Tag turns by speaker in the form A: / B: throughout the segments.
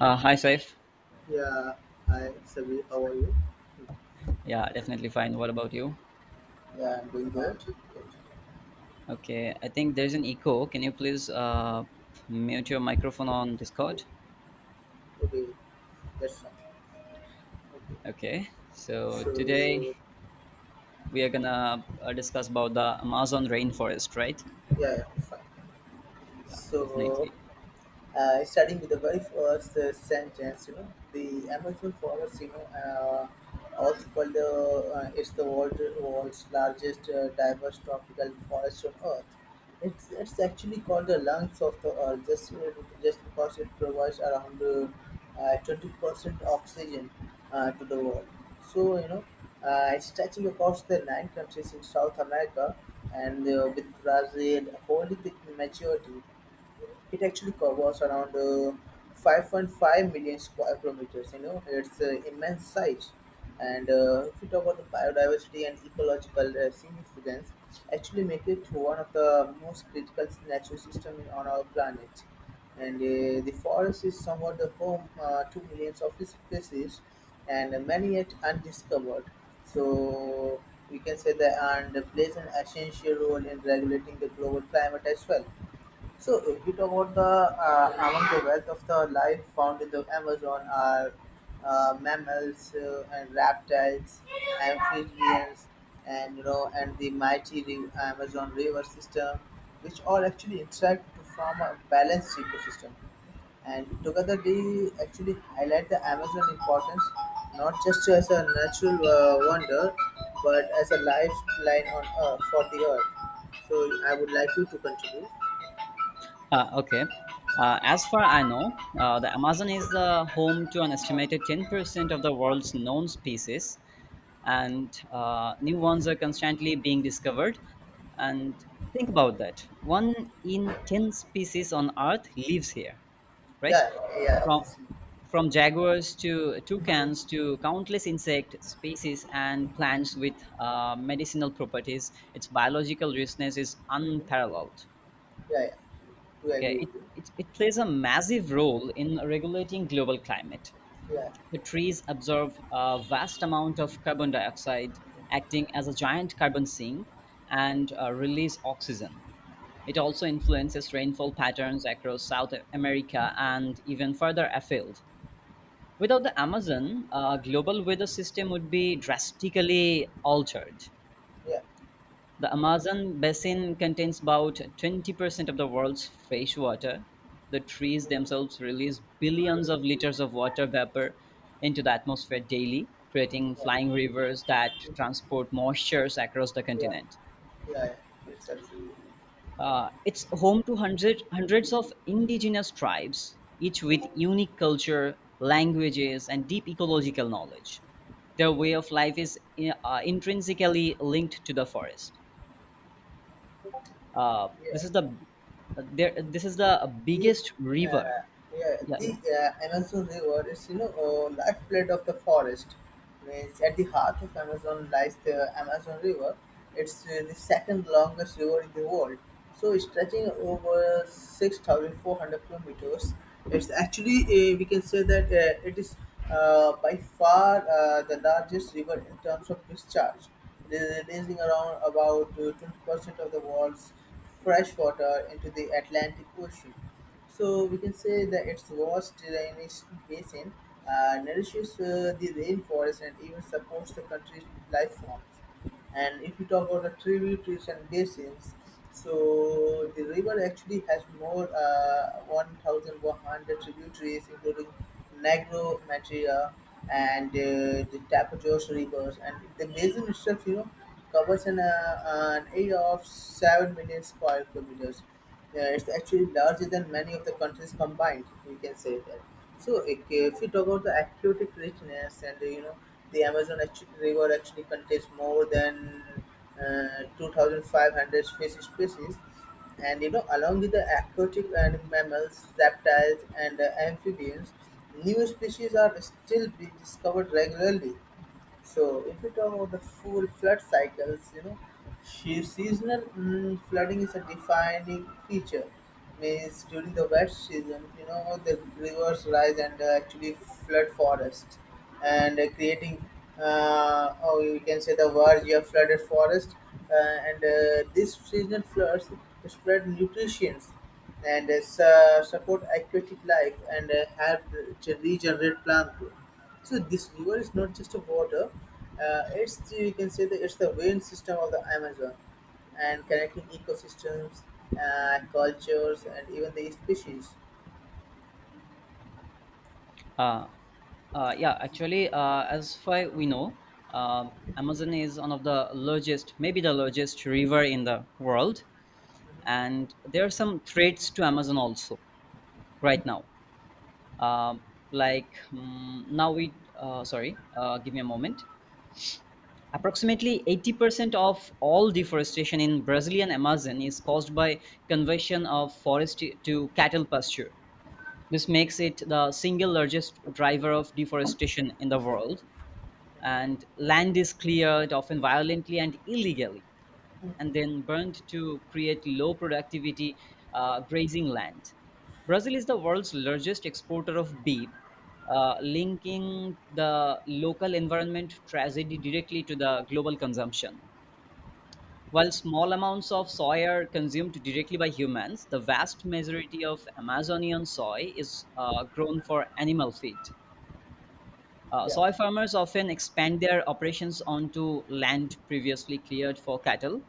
A: Hi, Saif.
B: Yeah, hi Sabi, how are you?
A: Yeah, definitely fine. What about you?
B: Yeah, I'm doing good.
A: Okay, I think there's an echo. Can you please mute your microphone on Discord?
B: Okay, that's fine. Okay,
A: Okay, so today
B: so
A: we are gonna discuss about the Amazon rainforest, right?
B: yeah, yeah, fine.
A: Yeah,
B: So
A: definitely.
B: starting with the very first sentence, you know, the Amazon forest, also called the, it's the world's largest diverse tropical forest on Earth. It's actually called the lungs of the earth just because it provides around 20% oxygen to the world. So, it's stretching across the 9 countries in South America and with Brazil holding the majority, it actually covers around 5.5 million square kilometers. You know, it's immense size. And if you talk about the biodiversity and ecological significance, actually make it one of the most critical natural systems on our planet. And the forest is somewhat the home to millions of species, and many yet undiscovered. So we can say that and plays an essential role in regulating the global climate as well. So, if we talk about the among the wealth of the life found in the Amazon are mammals and reptiles, amphibians, and and the Amazon river system, which all actually interact to form a balanced ecosystem. And together, they actually highlight the Amazon importance not just as a natural wonder, but as a lifeline on Earth for the Earth. So, I would like you to continue.
A: Okay. As far I know, the Amazon is the home to an estimated 10% of the world's known species, and new ones are constantly being discovered. And think about that. One in 10 species on Earth lives here, right?
B: Yeah, yeah,
A: From
B: obviously.
A: from jaguars to
B: Mhm.
A: toucans to countless insect species and plants with medicinal properties, its biological richness is
B: Mhm.
A: unparalleled.
B: Yeah, yeah. Do
A: Okay,
B: agree
A: it,
B: with you.
A: it, it plays a massive role in regulating global climate.
B: Yeah,
A: The trees absorb a vast amount of carbon dioxide, acting as a giant carbon sink, and release oxygen. It also influences rainfall patterns across South America and even further afield. Without the Amazon, global weather system would be drastically altered.
B: yeah,
A: The Amazon basin contains about 20% of the world's fresh water. The trees
B: mhm,
A: themselves release billions of liters of water vapor into the atmosphere daily, creating flying
B: yeah,
A: rivers that
B: mhm.
A: transport moistures across the
B: Yeah,
A: continent.
B: yeah. Yeah. It's absolutely.
A: It's home to hundreds of indigenous tribes, each with unique culture, languages, and deep ecological knowledge. Their way of life is intrinsically linked to the forest. uh,
B: Yeah.
A: this is the this is the
B: Yeah.
A: biggest river.
B: Uh, yeah,
A: yeah
B: the
A: yeah
B: Amazon River is, lifeblood of the forest. Means at the heart of Amazon lies the Amazon River. It's the second longest river in the world. So stretching over 6,400 kilometers. It's actually we can say that it is by far the largest river in terms of discharge, releasing around about 20% of the world's fresh water into the Atlantic Ocean. So we can say that its vast drainage basin nourishes the rainforest and even supports the country's life forms. And if you talk about the tributaries and basins, so the river actually has more 1,100 tributaries, including Negro Materia and the Tapajos rivers. And the basin itself, you know, covers an area of 7 million square kilometers. Yeah, it's actually larger than many of the countries combined. We can say that. So if we talk about the aquatic richness, and the Amazon actu river actually contains more than 2,500 fish species, and along with the aquatic and mammals, reptiles, and amphibians, new species are still being discovered regularly. So if we talk about the full flood cycles, seasonal flooding is a defining feature. Means during the wet season, you know, the rivers rise and actually flood forests, and creating, or you can say the verge of flooded forest. And these seasonal floods spread nutrients and support aquatic life and help to regenerate plant growth. So this river is not just a water; it's the, you can say that it's the vein system of the Amazon, and connecting ecosystems, cultures, and even the species.
A: uh, uh, yeah Actually, as far we know, uh, amazon is one of the largest, maybe the largest river in the world, and there are some threats to amazon also right now. um, like mm, now we sorry give me a moment. Approximately 80% of all deforestation in brazilian amazon is caused by conversion of forest to cattle pasture. This makes it the single largest driver of deforestation in the world. And land is cleared, often violently and illegally, and then burned to create low productivity grazing land. Brazil is the world's largest exporter of beef, linking the local environment tragedy directly to the global consumption. While small amounts of soy are consumed directly by humans, the vast majority of Amazonian soy is grown for animal feed.
B: Yeah,
A: Soy farmers often expand their operations onto land previously cleared for cattle.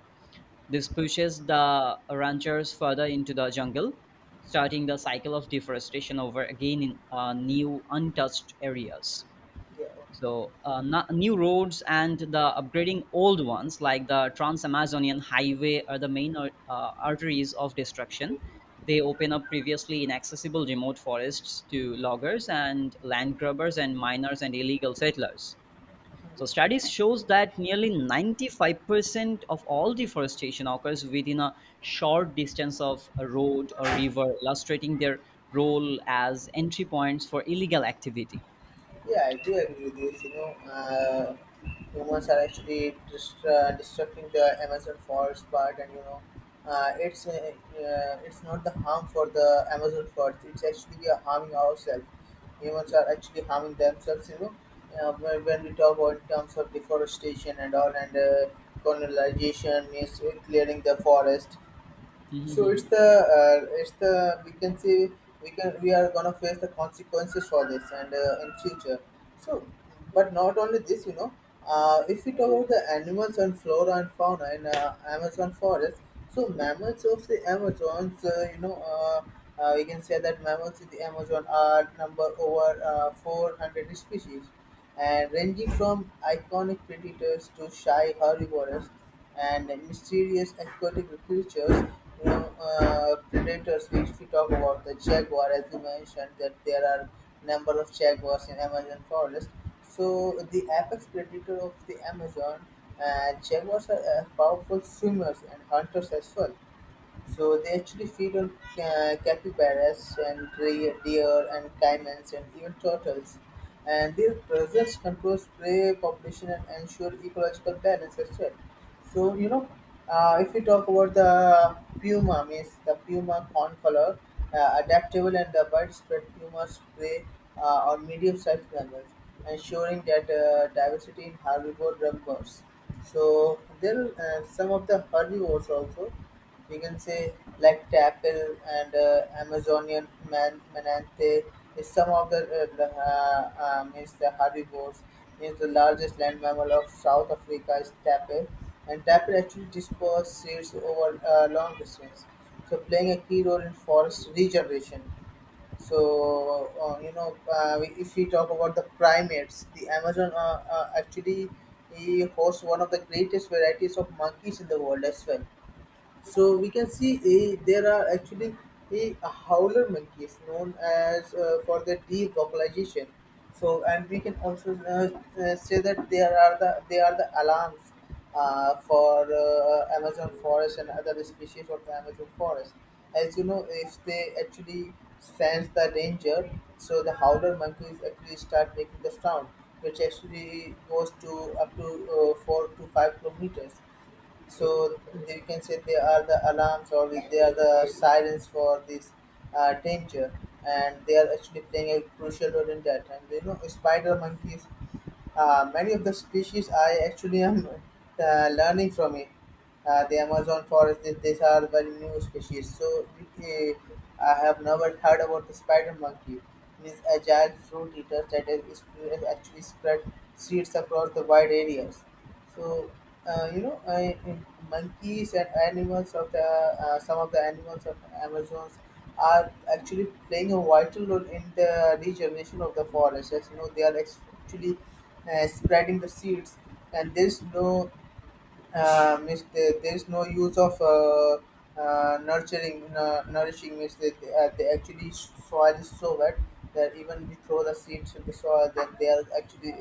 A: This pushes the ranchers further into the jungle, starting the cycle of deforestation over again in new untouched areas.
B: yeah.
A: So, new roads and the upgrading old ones, like the Trans Amazonian Highway, are the main arteries of destruction. They open up previously inaccessible remote forests to loggers and land grabbers and miners and illegal settlers. So, studies shows that nearly 95% of all deforestation occurs within a short distance of a road or river, illustrating their role as entry points for illegal activity.
B: Yeah, I do agree with this. Humans are actually destructing the Amazon forest part, and you know, it's not the harm for the Amazon forest. It's actually we are harming ourselves. Humans are actually harming themselves. You know, when we talk about in terms of deforestation and all, and colonization means clearing the forest. So it's
A: Yeah.
B: the it's the, we can say we can we are gonna face the consequences for this and in future. So, but not only this, if we talk about the animals and flora and fauna in Amazon forest, so mammals of the Amazons, we can say that mammals in the Amazon are number over 400 species and ranging from iconic predators to shy herbivores and mysterious aquatic creatures. You know, predators. If we talk about the jaguar, as you mentioned, that there are number of jaguars in Amazon forest. So the apex predator of the Amazon, jaguars are powerful swimmers and hunters as well. So they actually feed on capybaras and deer and caimans and even turtles. And their presence controls prey population and ensure ecological balance as well. So you know, if we talk about the puma, means the puma corn color, adaptable and the widespread pumas prey on medium-sized mammals, ensuring that diversity in herbivores. So there are some of the herbivores also, we can say, like lactapel and Amazonian manatee is some of the is the herbivores. Is the largest land mammal of South Africa is tapir, and tapir actually disperse seeds over long distance, so playing a key role in forest regeneration. So if we talk about the primates, the Amazon actually he hosts one of the greatest varieties of monkeys in the world as well. So we can see there are actually a howler monkeys known as for their deep vocalization. So and we can also say that there are they are the alarms for Amazon forest and other species of the Amazon forest. As you know, if they actually sense the danger, so the howler monkeys actually start making the sound, which actually goes to up to 4 to 5 kilometers. So you can say they are the alarms or they are the sirens for this danger, and they are actually playing a crucial role in that. And you know, spider monkeys, many of the species I actually am learning from it. The Amazon forest, these are very new species. So I have never heard about the spider monkey. This agile fruit eater that is actually spread seeds across the wide areas. So uh, you know, I, monkeys and animals of the some of the animals of Amazons are actually playing a vital role in the regeneration of the forest. As you know, they are actually spreading the seeds, and there's no there's no use of nourishing. Means that they actually, soil is so wet that even we throw the seeds in the soil, then they are actually,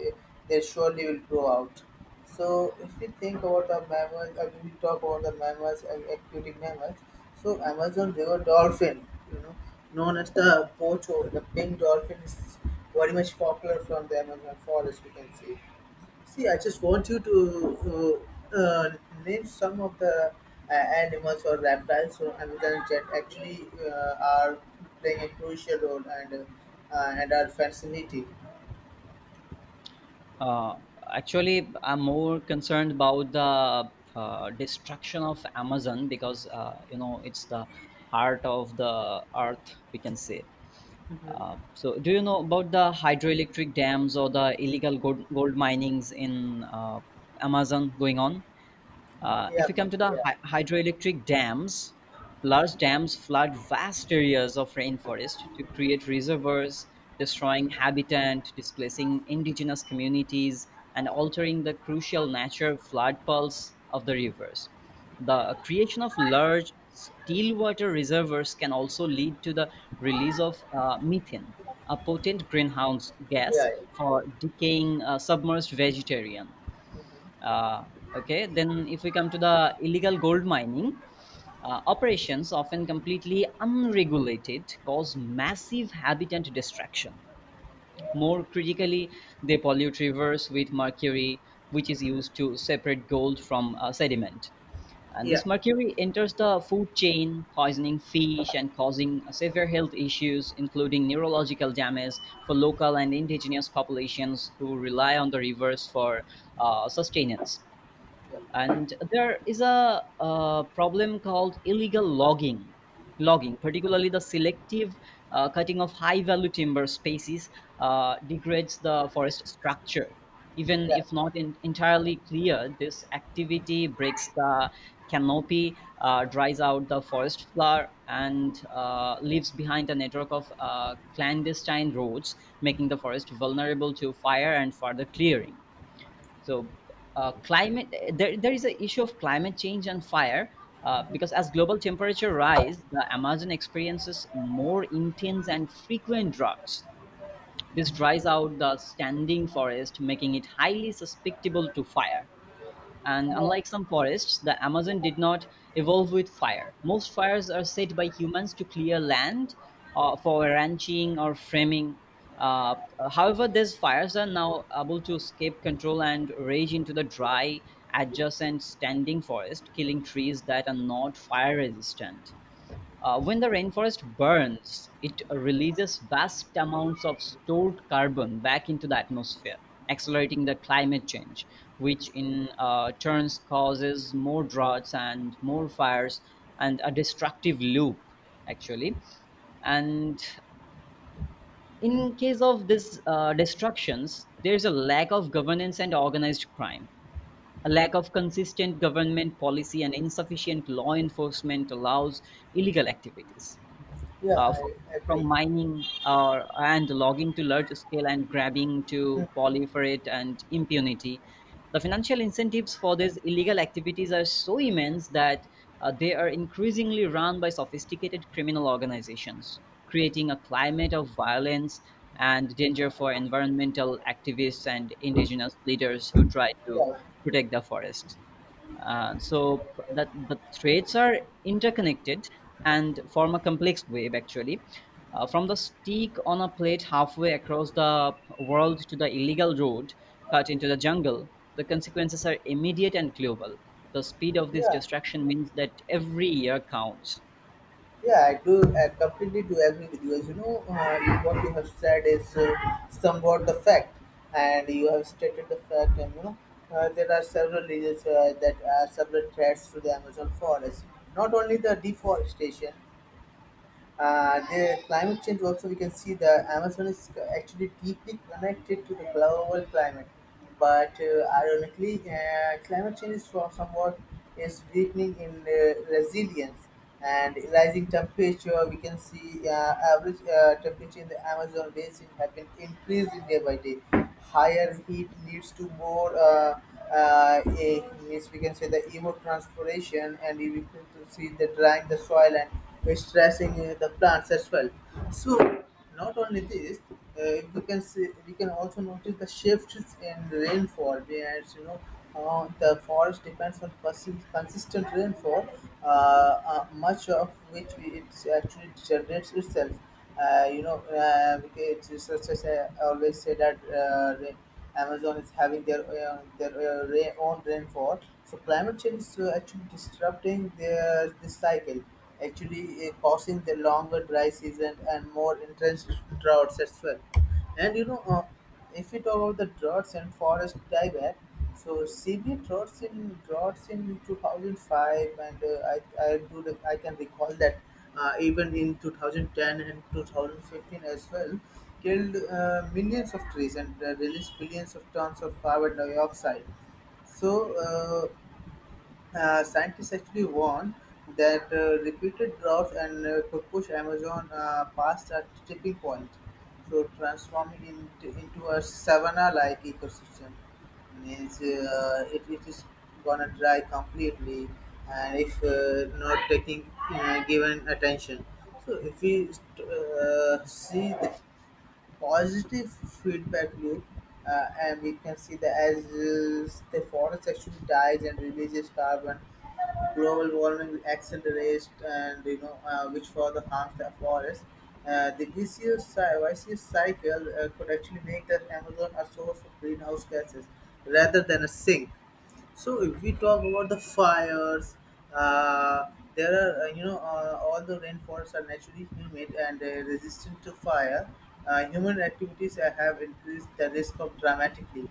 B: they surely will grow out. So if we think about the mammals, we talk about the mammals and aquatic mammals, so Amazon river dolphin, you know, known as the pocho, the pink dolphin, is very much popular from the Amazon forest, we can see. See, I just want you to uh, uh, name some of the animals or reptiles or animals that actually are playing a crucial role and are fascinating.
A: Uh, Actually, I'm more concerned about the destruction of Amazon because, you know, it's the heart of the earth, we can say.
B: Hmm.
A: So, do you know about the hydroelectric dams or the illegal gold minings in Amazon going on? If we come to the
B: Yeah,
A: hydroelectric dams, large dams flood vast areas of rainforest to create reservoirs, destroying habitat, displacing indigenous communities, and altering the crucial nature flood pulse of the rivers. The creation of large still water reservoirs can also lead to the release of methane, a potent greenhouse gas
B: yeah, yeah,
A: for decaying submerged vegetarian. uh, okay, then if we come to the illegal gold mining, operations often completely unregulated cause massive habitat destruction. More critically, they pollute rivers with mercury, which is used to separate gold from sediment. And
B: yeah,
A: this mercury enters the food chain, poisoning fish and causing severe health issues, including neurological damage for local and indigenous populations who rely on the rivers for sustenance. And there is a problem called illegal logging. Logging, particularly the selective cutting of high value timber species, degrades the forest structure. Even
B: yeah,
A: if not in, entirely clear, this activity breaks the canopy, dries out the forest floor and leaves behind a network of clandestine roads, making the forest vulnerable to fire and further clearing. So, there is a issue of climate change and fire because as global temperature rise, the Amazon experiences more intense and frequent droughts. This dries out the standing forest, making it highly susceptible to fire. And unlike some forests, the Amazon did not evolve with fire. Most fires are set by humans to clear land for ranching or framing. Uh, However, these fires are now able to escape control and rage into the dry, adjacent standing forest, killing trees that are not fire resistant. When the rainforest burns, it releases vast amounts of stored carbon back into the atmosphere, accelerating the climate change, which in turns causes more droughts and more fires and a destructive loop, actually. And in case of this destructions, there's a lack of governance and organized crime. A lack of consistent government policy and insufficient law enforcement allows illegal activities
B: yeah.
A: uh, f-
B: I
A: from
B: agree.
A: mining or and logging to large scale and grabbing to proliferate and impunity. The financial incentives for these illegal activities are so immense that they are increasingly run by sophisticated criminal organizations, creating a climate of violence and danger for environmental activists and indigenous leaders who try to
B: Yeah,
A: protect the forest. So that the threads are interconnected and form a complex web, actually, from the stick on a plate halfway across the world to the illegal road cut into the jungle. The consequences are immediate and global. The speed of this
B: yeah.
A: destruction means that every year counts.
B: Yeah, I do. I completely do agree with you. As you know, what you have said is somewhat the fact, and you have stated the fact. And you know, there are several reasons that are several threats to the Amazon forest. Not only the deforestation, the climate change also. We can see the Amazon is actually deeply connected to the global climate, but ironically, climate change is somewhat is weakening in resilience, and rising temperature. We can see average temperature in the Amazon basin have been increasing day by day. Higher heat leads to more. Uh, eh, means we can say the evapotranspiration, and we can see the drying the soil and stressing the plants as well. So not only this, we can see, we can also notice the shifts in rainfall. Whereas you know the forest depends on consistent rainfall, much of which it actually generates itself. It's such as I always say that Amazon is having their own rainfall. So climate change is actually disrupting their this cycle, actually causing the longer dry season and more intense droughts as well. And you know, if we talk about the droughts and forest dieback, so severe droughts in 2005, and I do the, I can recall that even in 2010 and 2015 as well, killed millions of trees and released billions of tons of carbon dioxide. So. Uh, Scientists actually warn that repeated droughts and could push Amazon past a tipping point, so transforming into a savanna-like ecosystem. Means it is gonna dry completely, and if not taking given attention. So if we see the positive feedback loop, and we can see that as the forest actually dies and releases carbon, global warming accelerates, and which further harms the forest. The vicious cycle could actually make the Amazon a source of greenhouse gases rather than a sink. So if we talk about the fires, uh, there are all the rainforests are naturally humid and resistant to fire. Human activities have increased the risk of dramatically.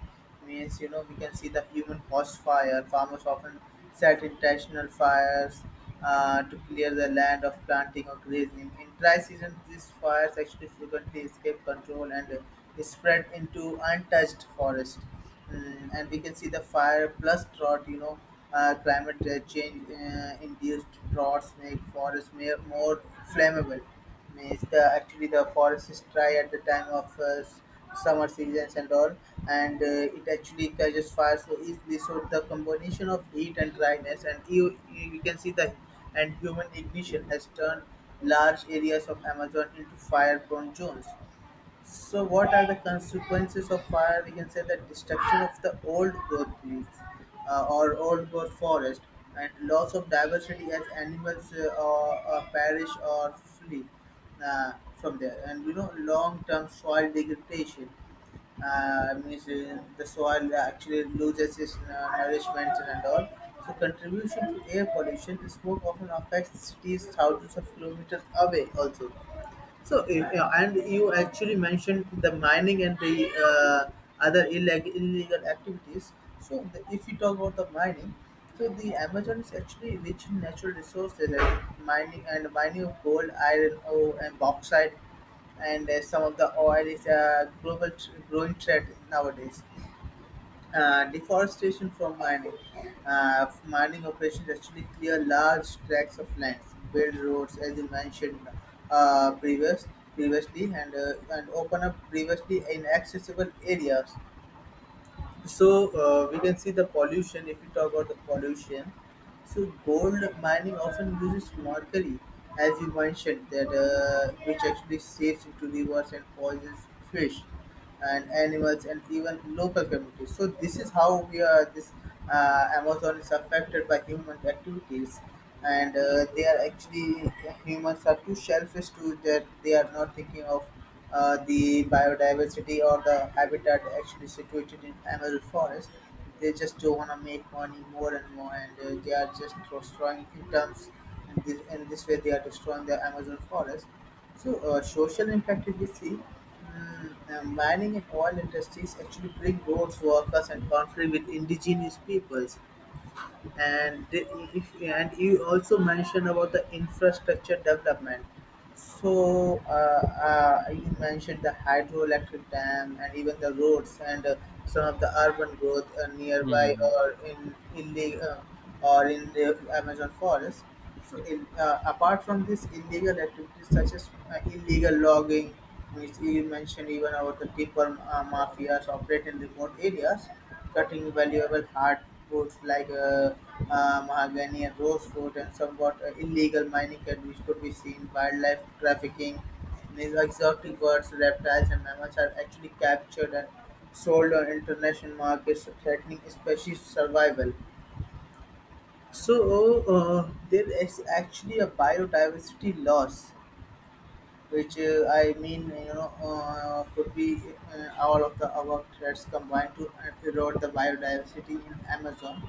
B: Means we can see the human caused fire. Farmers often set intentional fires to clear the land of planting or grazing. In dry season, these fires actually frequently escape control and spread into untouched forest. And we can see the fire plus drought climate change induced droughts make forests more flammable. Means the actually the forest is dry at the time of summer seasons and all, and it actually catches fire so easily. So the combination of heat and dryness, and you can see the, and human ignition has turned large areas of Amazon into fire prone zones. So, what are the consequences of fire? We can say that destruction of the old growth trees, or old growth forest, and loss of diversity as animals or perish or flee from there. And long term soil degradation means the soil actually loses its nourishment and all. So, contribution to air pollution, smoke often affects cities thousands of kilometers away also. So, yeah, and you actually mentioned the mining and the uh, other illegal activities. So, if you talk about the mining, so the Amazon is actually rich in natural resources like mining and mining of gold, iron, ore, and bauxite, and some of the oil is a global growing threat nowadays. Deforestation from mining. Mining operations actually clear large tracts of lands, build roads, as you mentioned uh, previous, previously, and and open up previously inaccessible areas. So we can see the pollution. If we talk about the pollution, so gold mining often uses mercury, as you mentioned, that which actually seeps into rivers and poisons fish and animals and even local communities. So this is how we are this Amazon is affected by human activities, and they are actually humans are too selfish to that they are not thinking of the biodiversity or the habitat actually situated in Amazon forest. They just do want to make money more and more, and they are just destroying in terms, and this way they are destroying the Amazon forest. So social impact if we see, mining and oil industries actually bring roads workers and conflict with indigenous peoples, and if, and you also mentioned about the infrastructure development. So you mentioned the hydroelectric dam and even the roads, and some of the urban growth nearby,
A: Hmm.
B: or in illegal or in the Amazon forest. So apart from this illegal activities such as illegal logging, which you mentioned, even about the timber mafias operate in remote areas, cutting valuable hardwoods like mahogany and rosewood, and somewhat illegal mining can which could be seen. Wildlife trafficking, these exotic birds, reptiles, and mammals are actually captured and sold on international markets, threatening species survival. So there is actually a biodiversity loss, which I mean, you know, could be all of the above threats combined to erode the biodiversity in Amazon,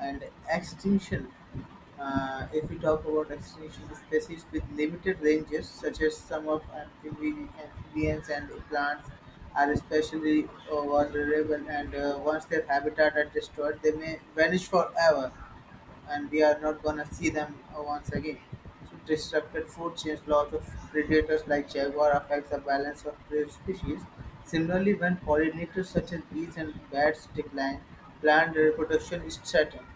B: and extinction. If we talk about extinction, species with limited ranges such as some of amphibians and plants are especially vulnerable, and once their habitat are destroyed they may vanish forever, and we are not gonna see them once again. So disrupted food chains, loss of predators like jaguar affects the balance of prey species. Similarly, when pollinators such as bees and bats decline, plant reproduction is threatened.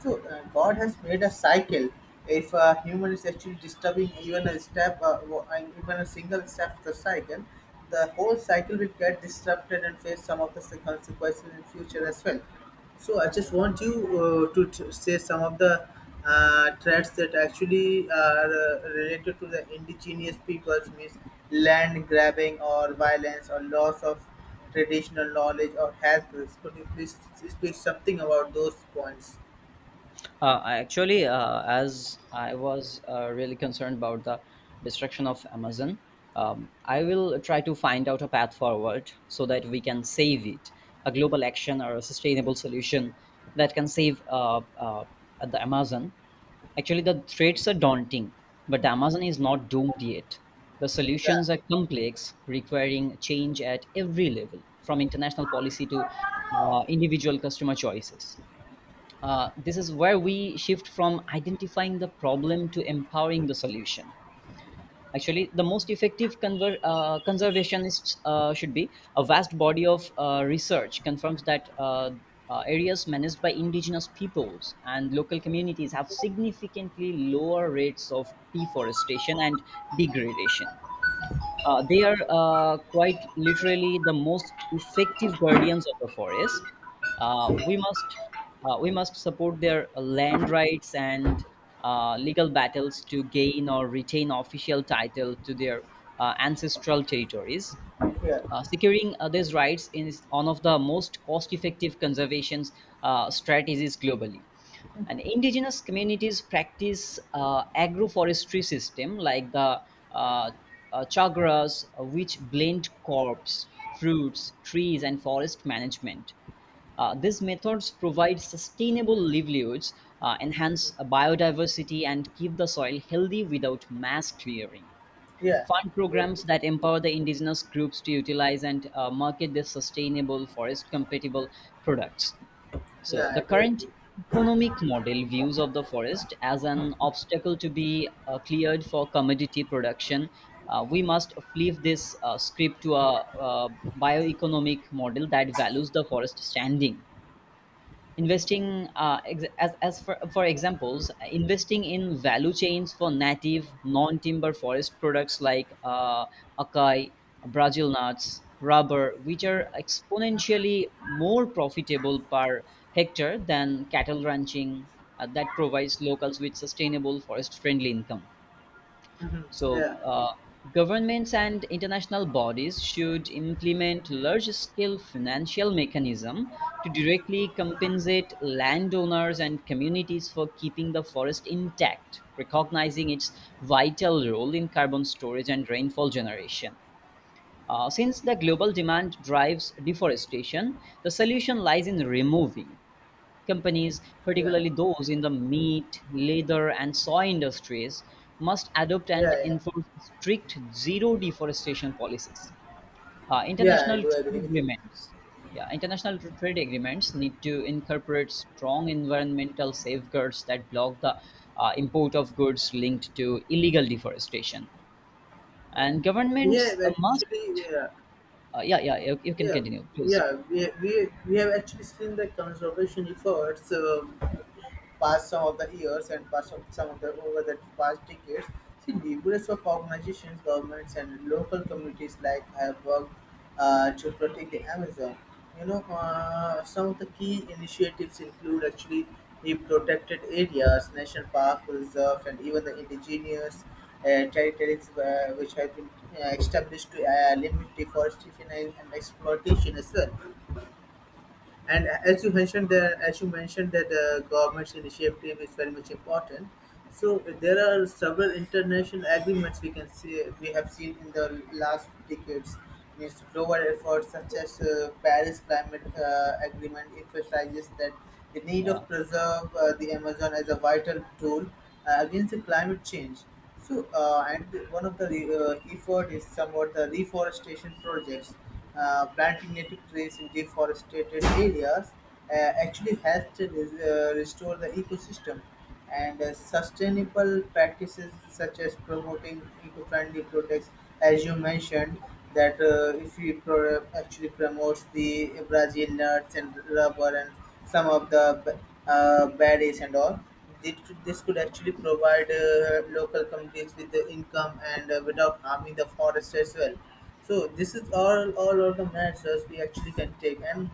B: So God has made a cycle. If a human is actually disturbing even a step, and even a single step of the cycle, the whole cycle will get disrupted and face some of the consequences in future as well. So I just want you to say some of the threats that actually are related to the indigenous peoples, means land grabbing or violence or loss of traditional knowledge or health risks. Could you please speak something about those points?
A: I actually, as I was really concerned about the destruction of Amazon, I will try to find out a path forward so that we can save it. A global action or a sustainable solution that can save the Amazon. Actually, the threats are daunting, but the Amazon is not doomed yet. The
B: Yeah,
A: solutions are complex, requiring change at every level, from international policy to individual customer choices. This is where we shift from identifying the problem to empowering the solution. Actually, the most effective conservationists should be a vast body of research confirms that areas managed by indigenous peoples and local communities have significantly lower rates of deforestation and degradation. They are quite literally the most effective guardians of the forest. Uh, we must we must support their land rights and legal battles to gain or retain official title to their ancestral territories.
B: yeah,
A: Securing others' rights is one of the most cost-effective conservation strategies globally. And indigenous communities practice agroforestry system like the uh, chagras, which blend crops, fruits, trees, and forest management. These methods provide sustainable livelihoods, enhance biodiversity, and keep the soil healthy without mass clearing.
B: yeah,
A: Fund
B: yeah,
A: programs that empower the indigenous groups to utilize and market their sustainable forest compatible products. So
B: yeah,
A: the
B: I do
A: current
B: agree.
A: economic model views of the forest as an obstacle to be cleared for commodity production. We must flip this script to a bioeconomic model that values the forest standing, investing for examples, investing in value chains for native non-timber forest products like acai, brazil nuts, rubber, which are exponentially more profitable per hectare than cattle ranching. That provides locals with sustainable forest friendly income.
B: Hmm.
A: So,
B: Yeah,
A: governments and international bodies should implement large-scale financial mechanism to directly compensate landowners and communities for keeping the forest intact, recognizing its vital role in carbon storage and rainfall generation. Since the global demand drives deforestation, the solution lies in removing companies,
B: yeah,
A: particularly those in the meat, leather, and soy industries, must adopt and
B: yeah, yeah,
A: enforce strict zero deforestation policies. Uh,
B: yeah, I
A: international
B: do agree
A: trade
B: with you.
A: agreements, international trade agreements need to incorporate strong environmental safeguards that block the import of goods linked to illegal deforestation. And
B: We
A: governments
B: have actually, yeah.
A: yeah, yeah, you can
B: Yeah,
A: continue, please.
B: yeah, we have actually seen the conservation efforts. Past some of the years and past of some of the over the past decades, see numerous of organizations, governments, and local communities like have worked to protect the Amazon. You know, some of the key initiatives include actually the protected areas, national park reserves, and even the indigenous territories which have been established to limit deforestation and exploitation as well. And as you mentioned there, as you mentioned that the government's initiative is very much important. So there are several international agreements we can see we have seen in the last decades. Means global efforts such as Paris Climate Agreement emphasizes that the need
A: Yeah,
B: of preserve the Amazon as a vital tool against the climate change. So and one of the effort is somewhat the reforestation projects, planting native trees in deforested areas uh, actually helps to restore the ecosystem, and sustainable practices such as promoting eco-friendly products, as you mentioned, that if we actually promotes the Brazil nuts and rubber and some of the berries and all. This could actually provide local communities with the income, and without harming the forest as well. So this is all of the measures we actually can take, and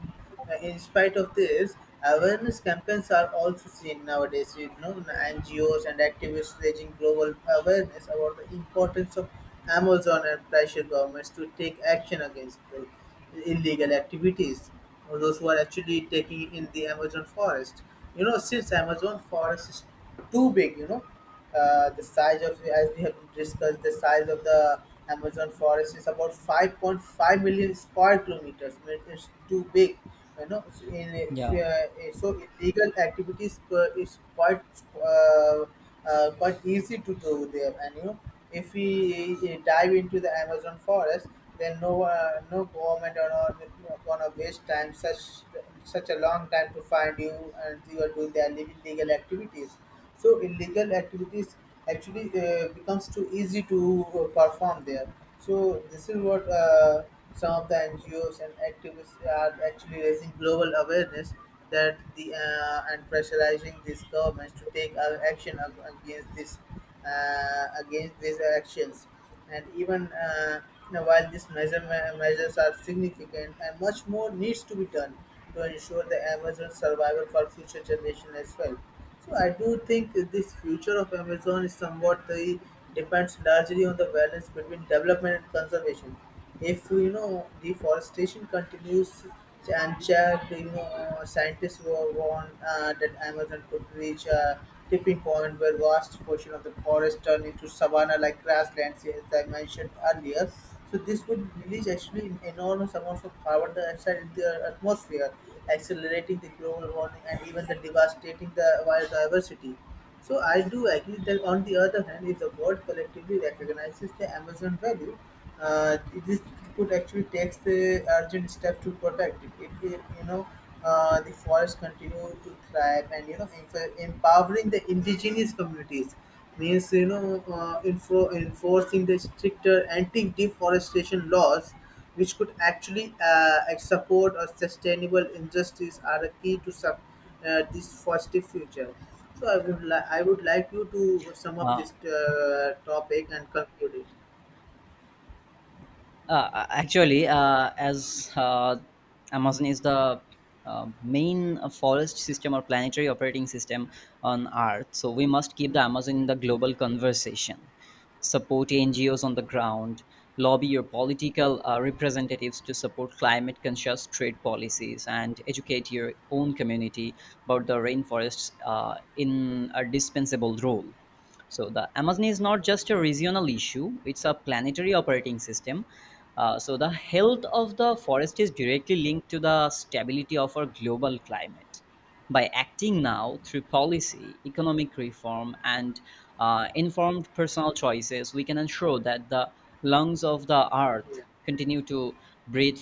B: in spite of this, awareness campaigns are also seen nowadays. You know, NGOs and activists raising global awareness about the importance of Amazon and pressure governments to take action against the illegal activities, or those who are actually taking in the Amazon forest. You know, since Amazon forest is too big, the size of, as we have discussed, the size of the Amazon forest is about 5.5 million square kilometers. I mean, it's too big, you know. So,
A: yeah.
B: illegal activities is quite uh, quite easy to do there. And you know, if we dive into the Amazon forest, then no government or not gonna waste time such a long time to find you, and you are doing their illegal activities, so illegal activities actually becomes too easy to perform there. So this is what some of the NGOs and activists are actually raising global awareness, that the and pressurizing these governments to take action against this against these actions. And even while these measures are significant and much more needs to be done to ensure the Amazon survival for future generations as well. So I do think this future of Amazon is somewhat the depends largely on the balance between development and conservation. If you know deforestation continues and checked, you know scientists were warned that Amazon could reach a tipping point where vast portion of the forest turn into savanna-like grasslands, as I mentioned earlier. So this would release actually enormous amounts of carbon dioxide in the atmosphere, accelerating the global warming and even the devastating the biodiversity. So I do agree that on the other hand, if the world collectively recognizes the Amazon value, uh, this could actually takes the urgent step to protect it. If you know the forests continue to thrive and you know empowering the indigenous communities means you know enforcing the stricter anti-deforestation laws which could actually support a sustainable industries are a key to this positive future. So I would like you to sum up
A: Uh,
B: this topic and conclude it.
A: Actually, as Amazon is the main forest system or planetary operating system on Earth, so we must keep the
B: Mhm.
A: Amazon in the global conversation. Support NGOs on the
B: Okay.
A: ground, lobby your political representatives to support climate conscious trade policies, and educate your own community about the rainforest's indispensable role. So the Amazon is not just a regional issue; it's a planetary operating system. So the health of the forest is directly linked to the stability of our global climate. By acting now through policy, economic reform, and informed personal choices, we can ensure that the lungs of the earth
B: Yeah.
A: continue to breathe for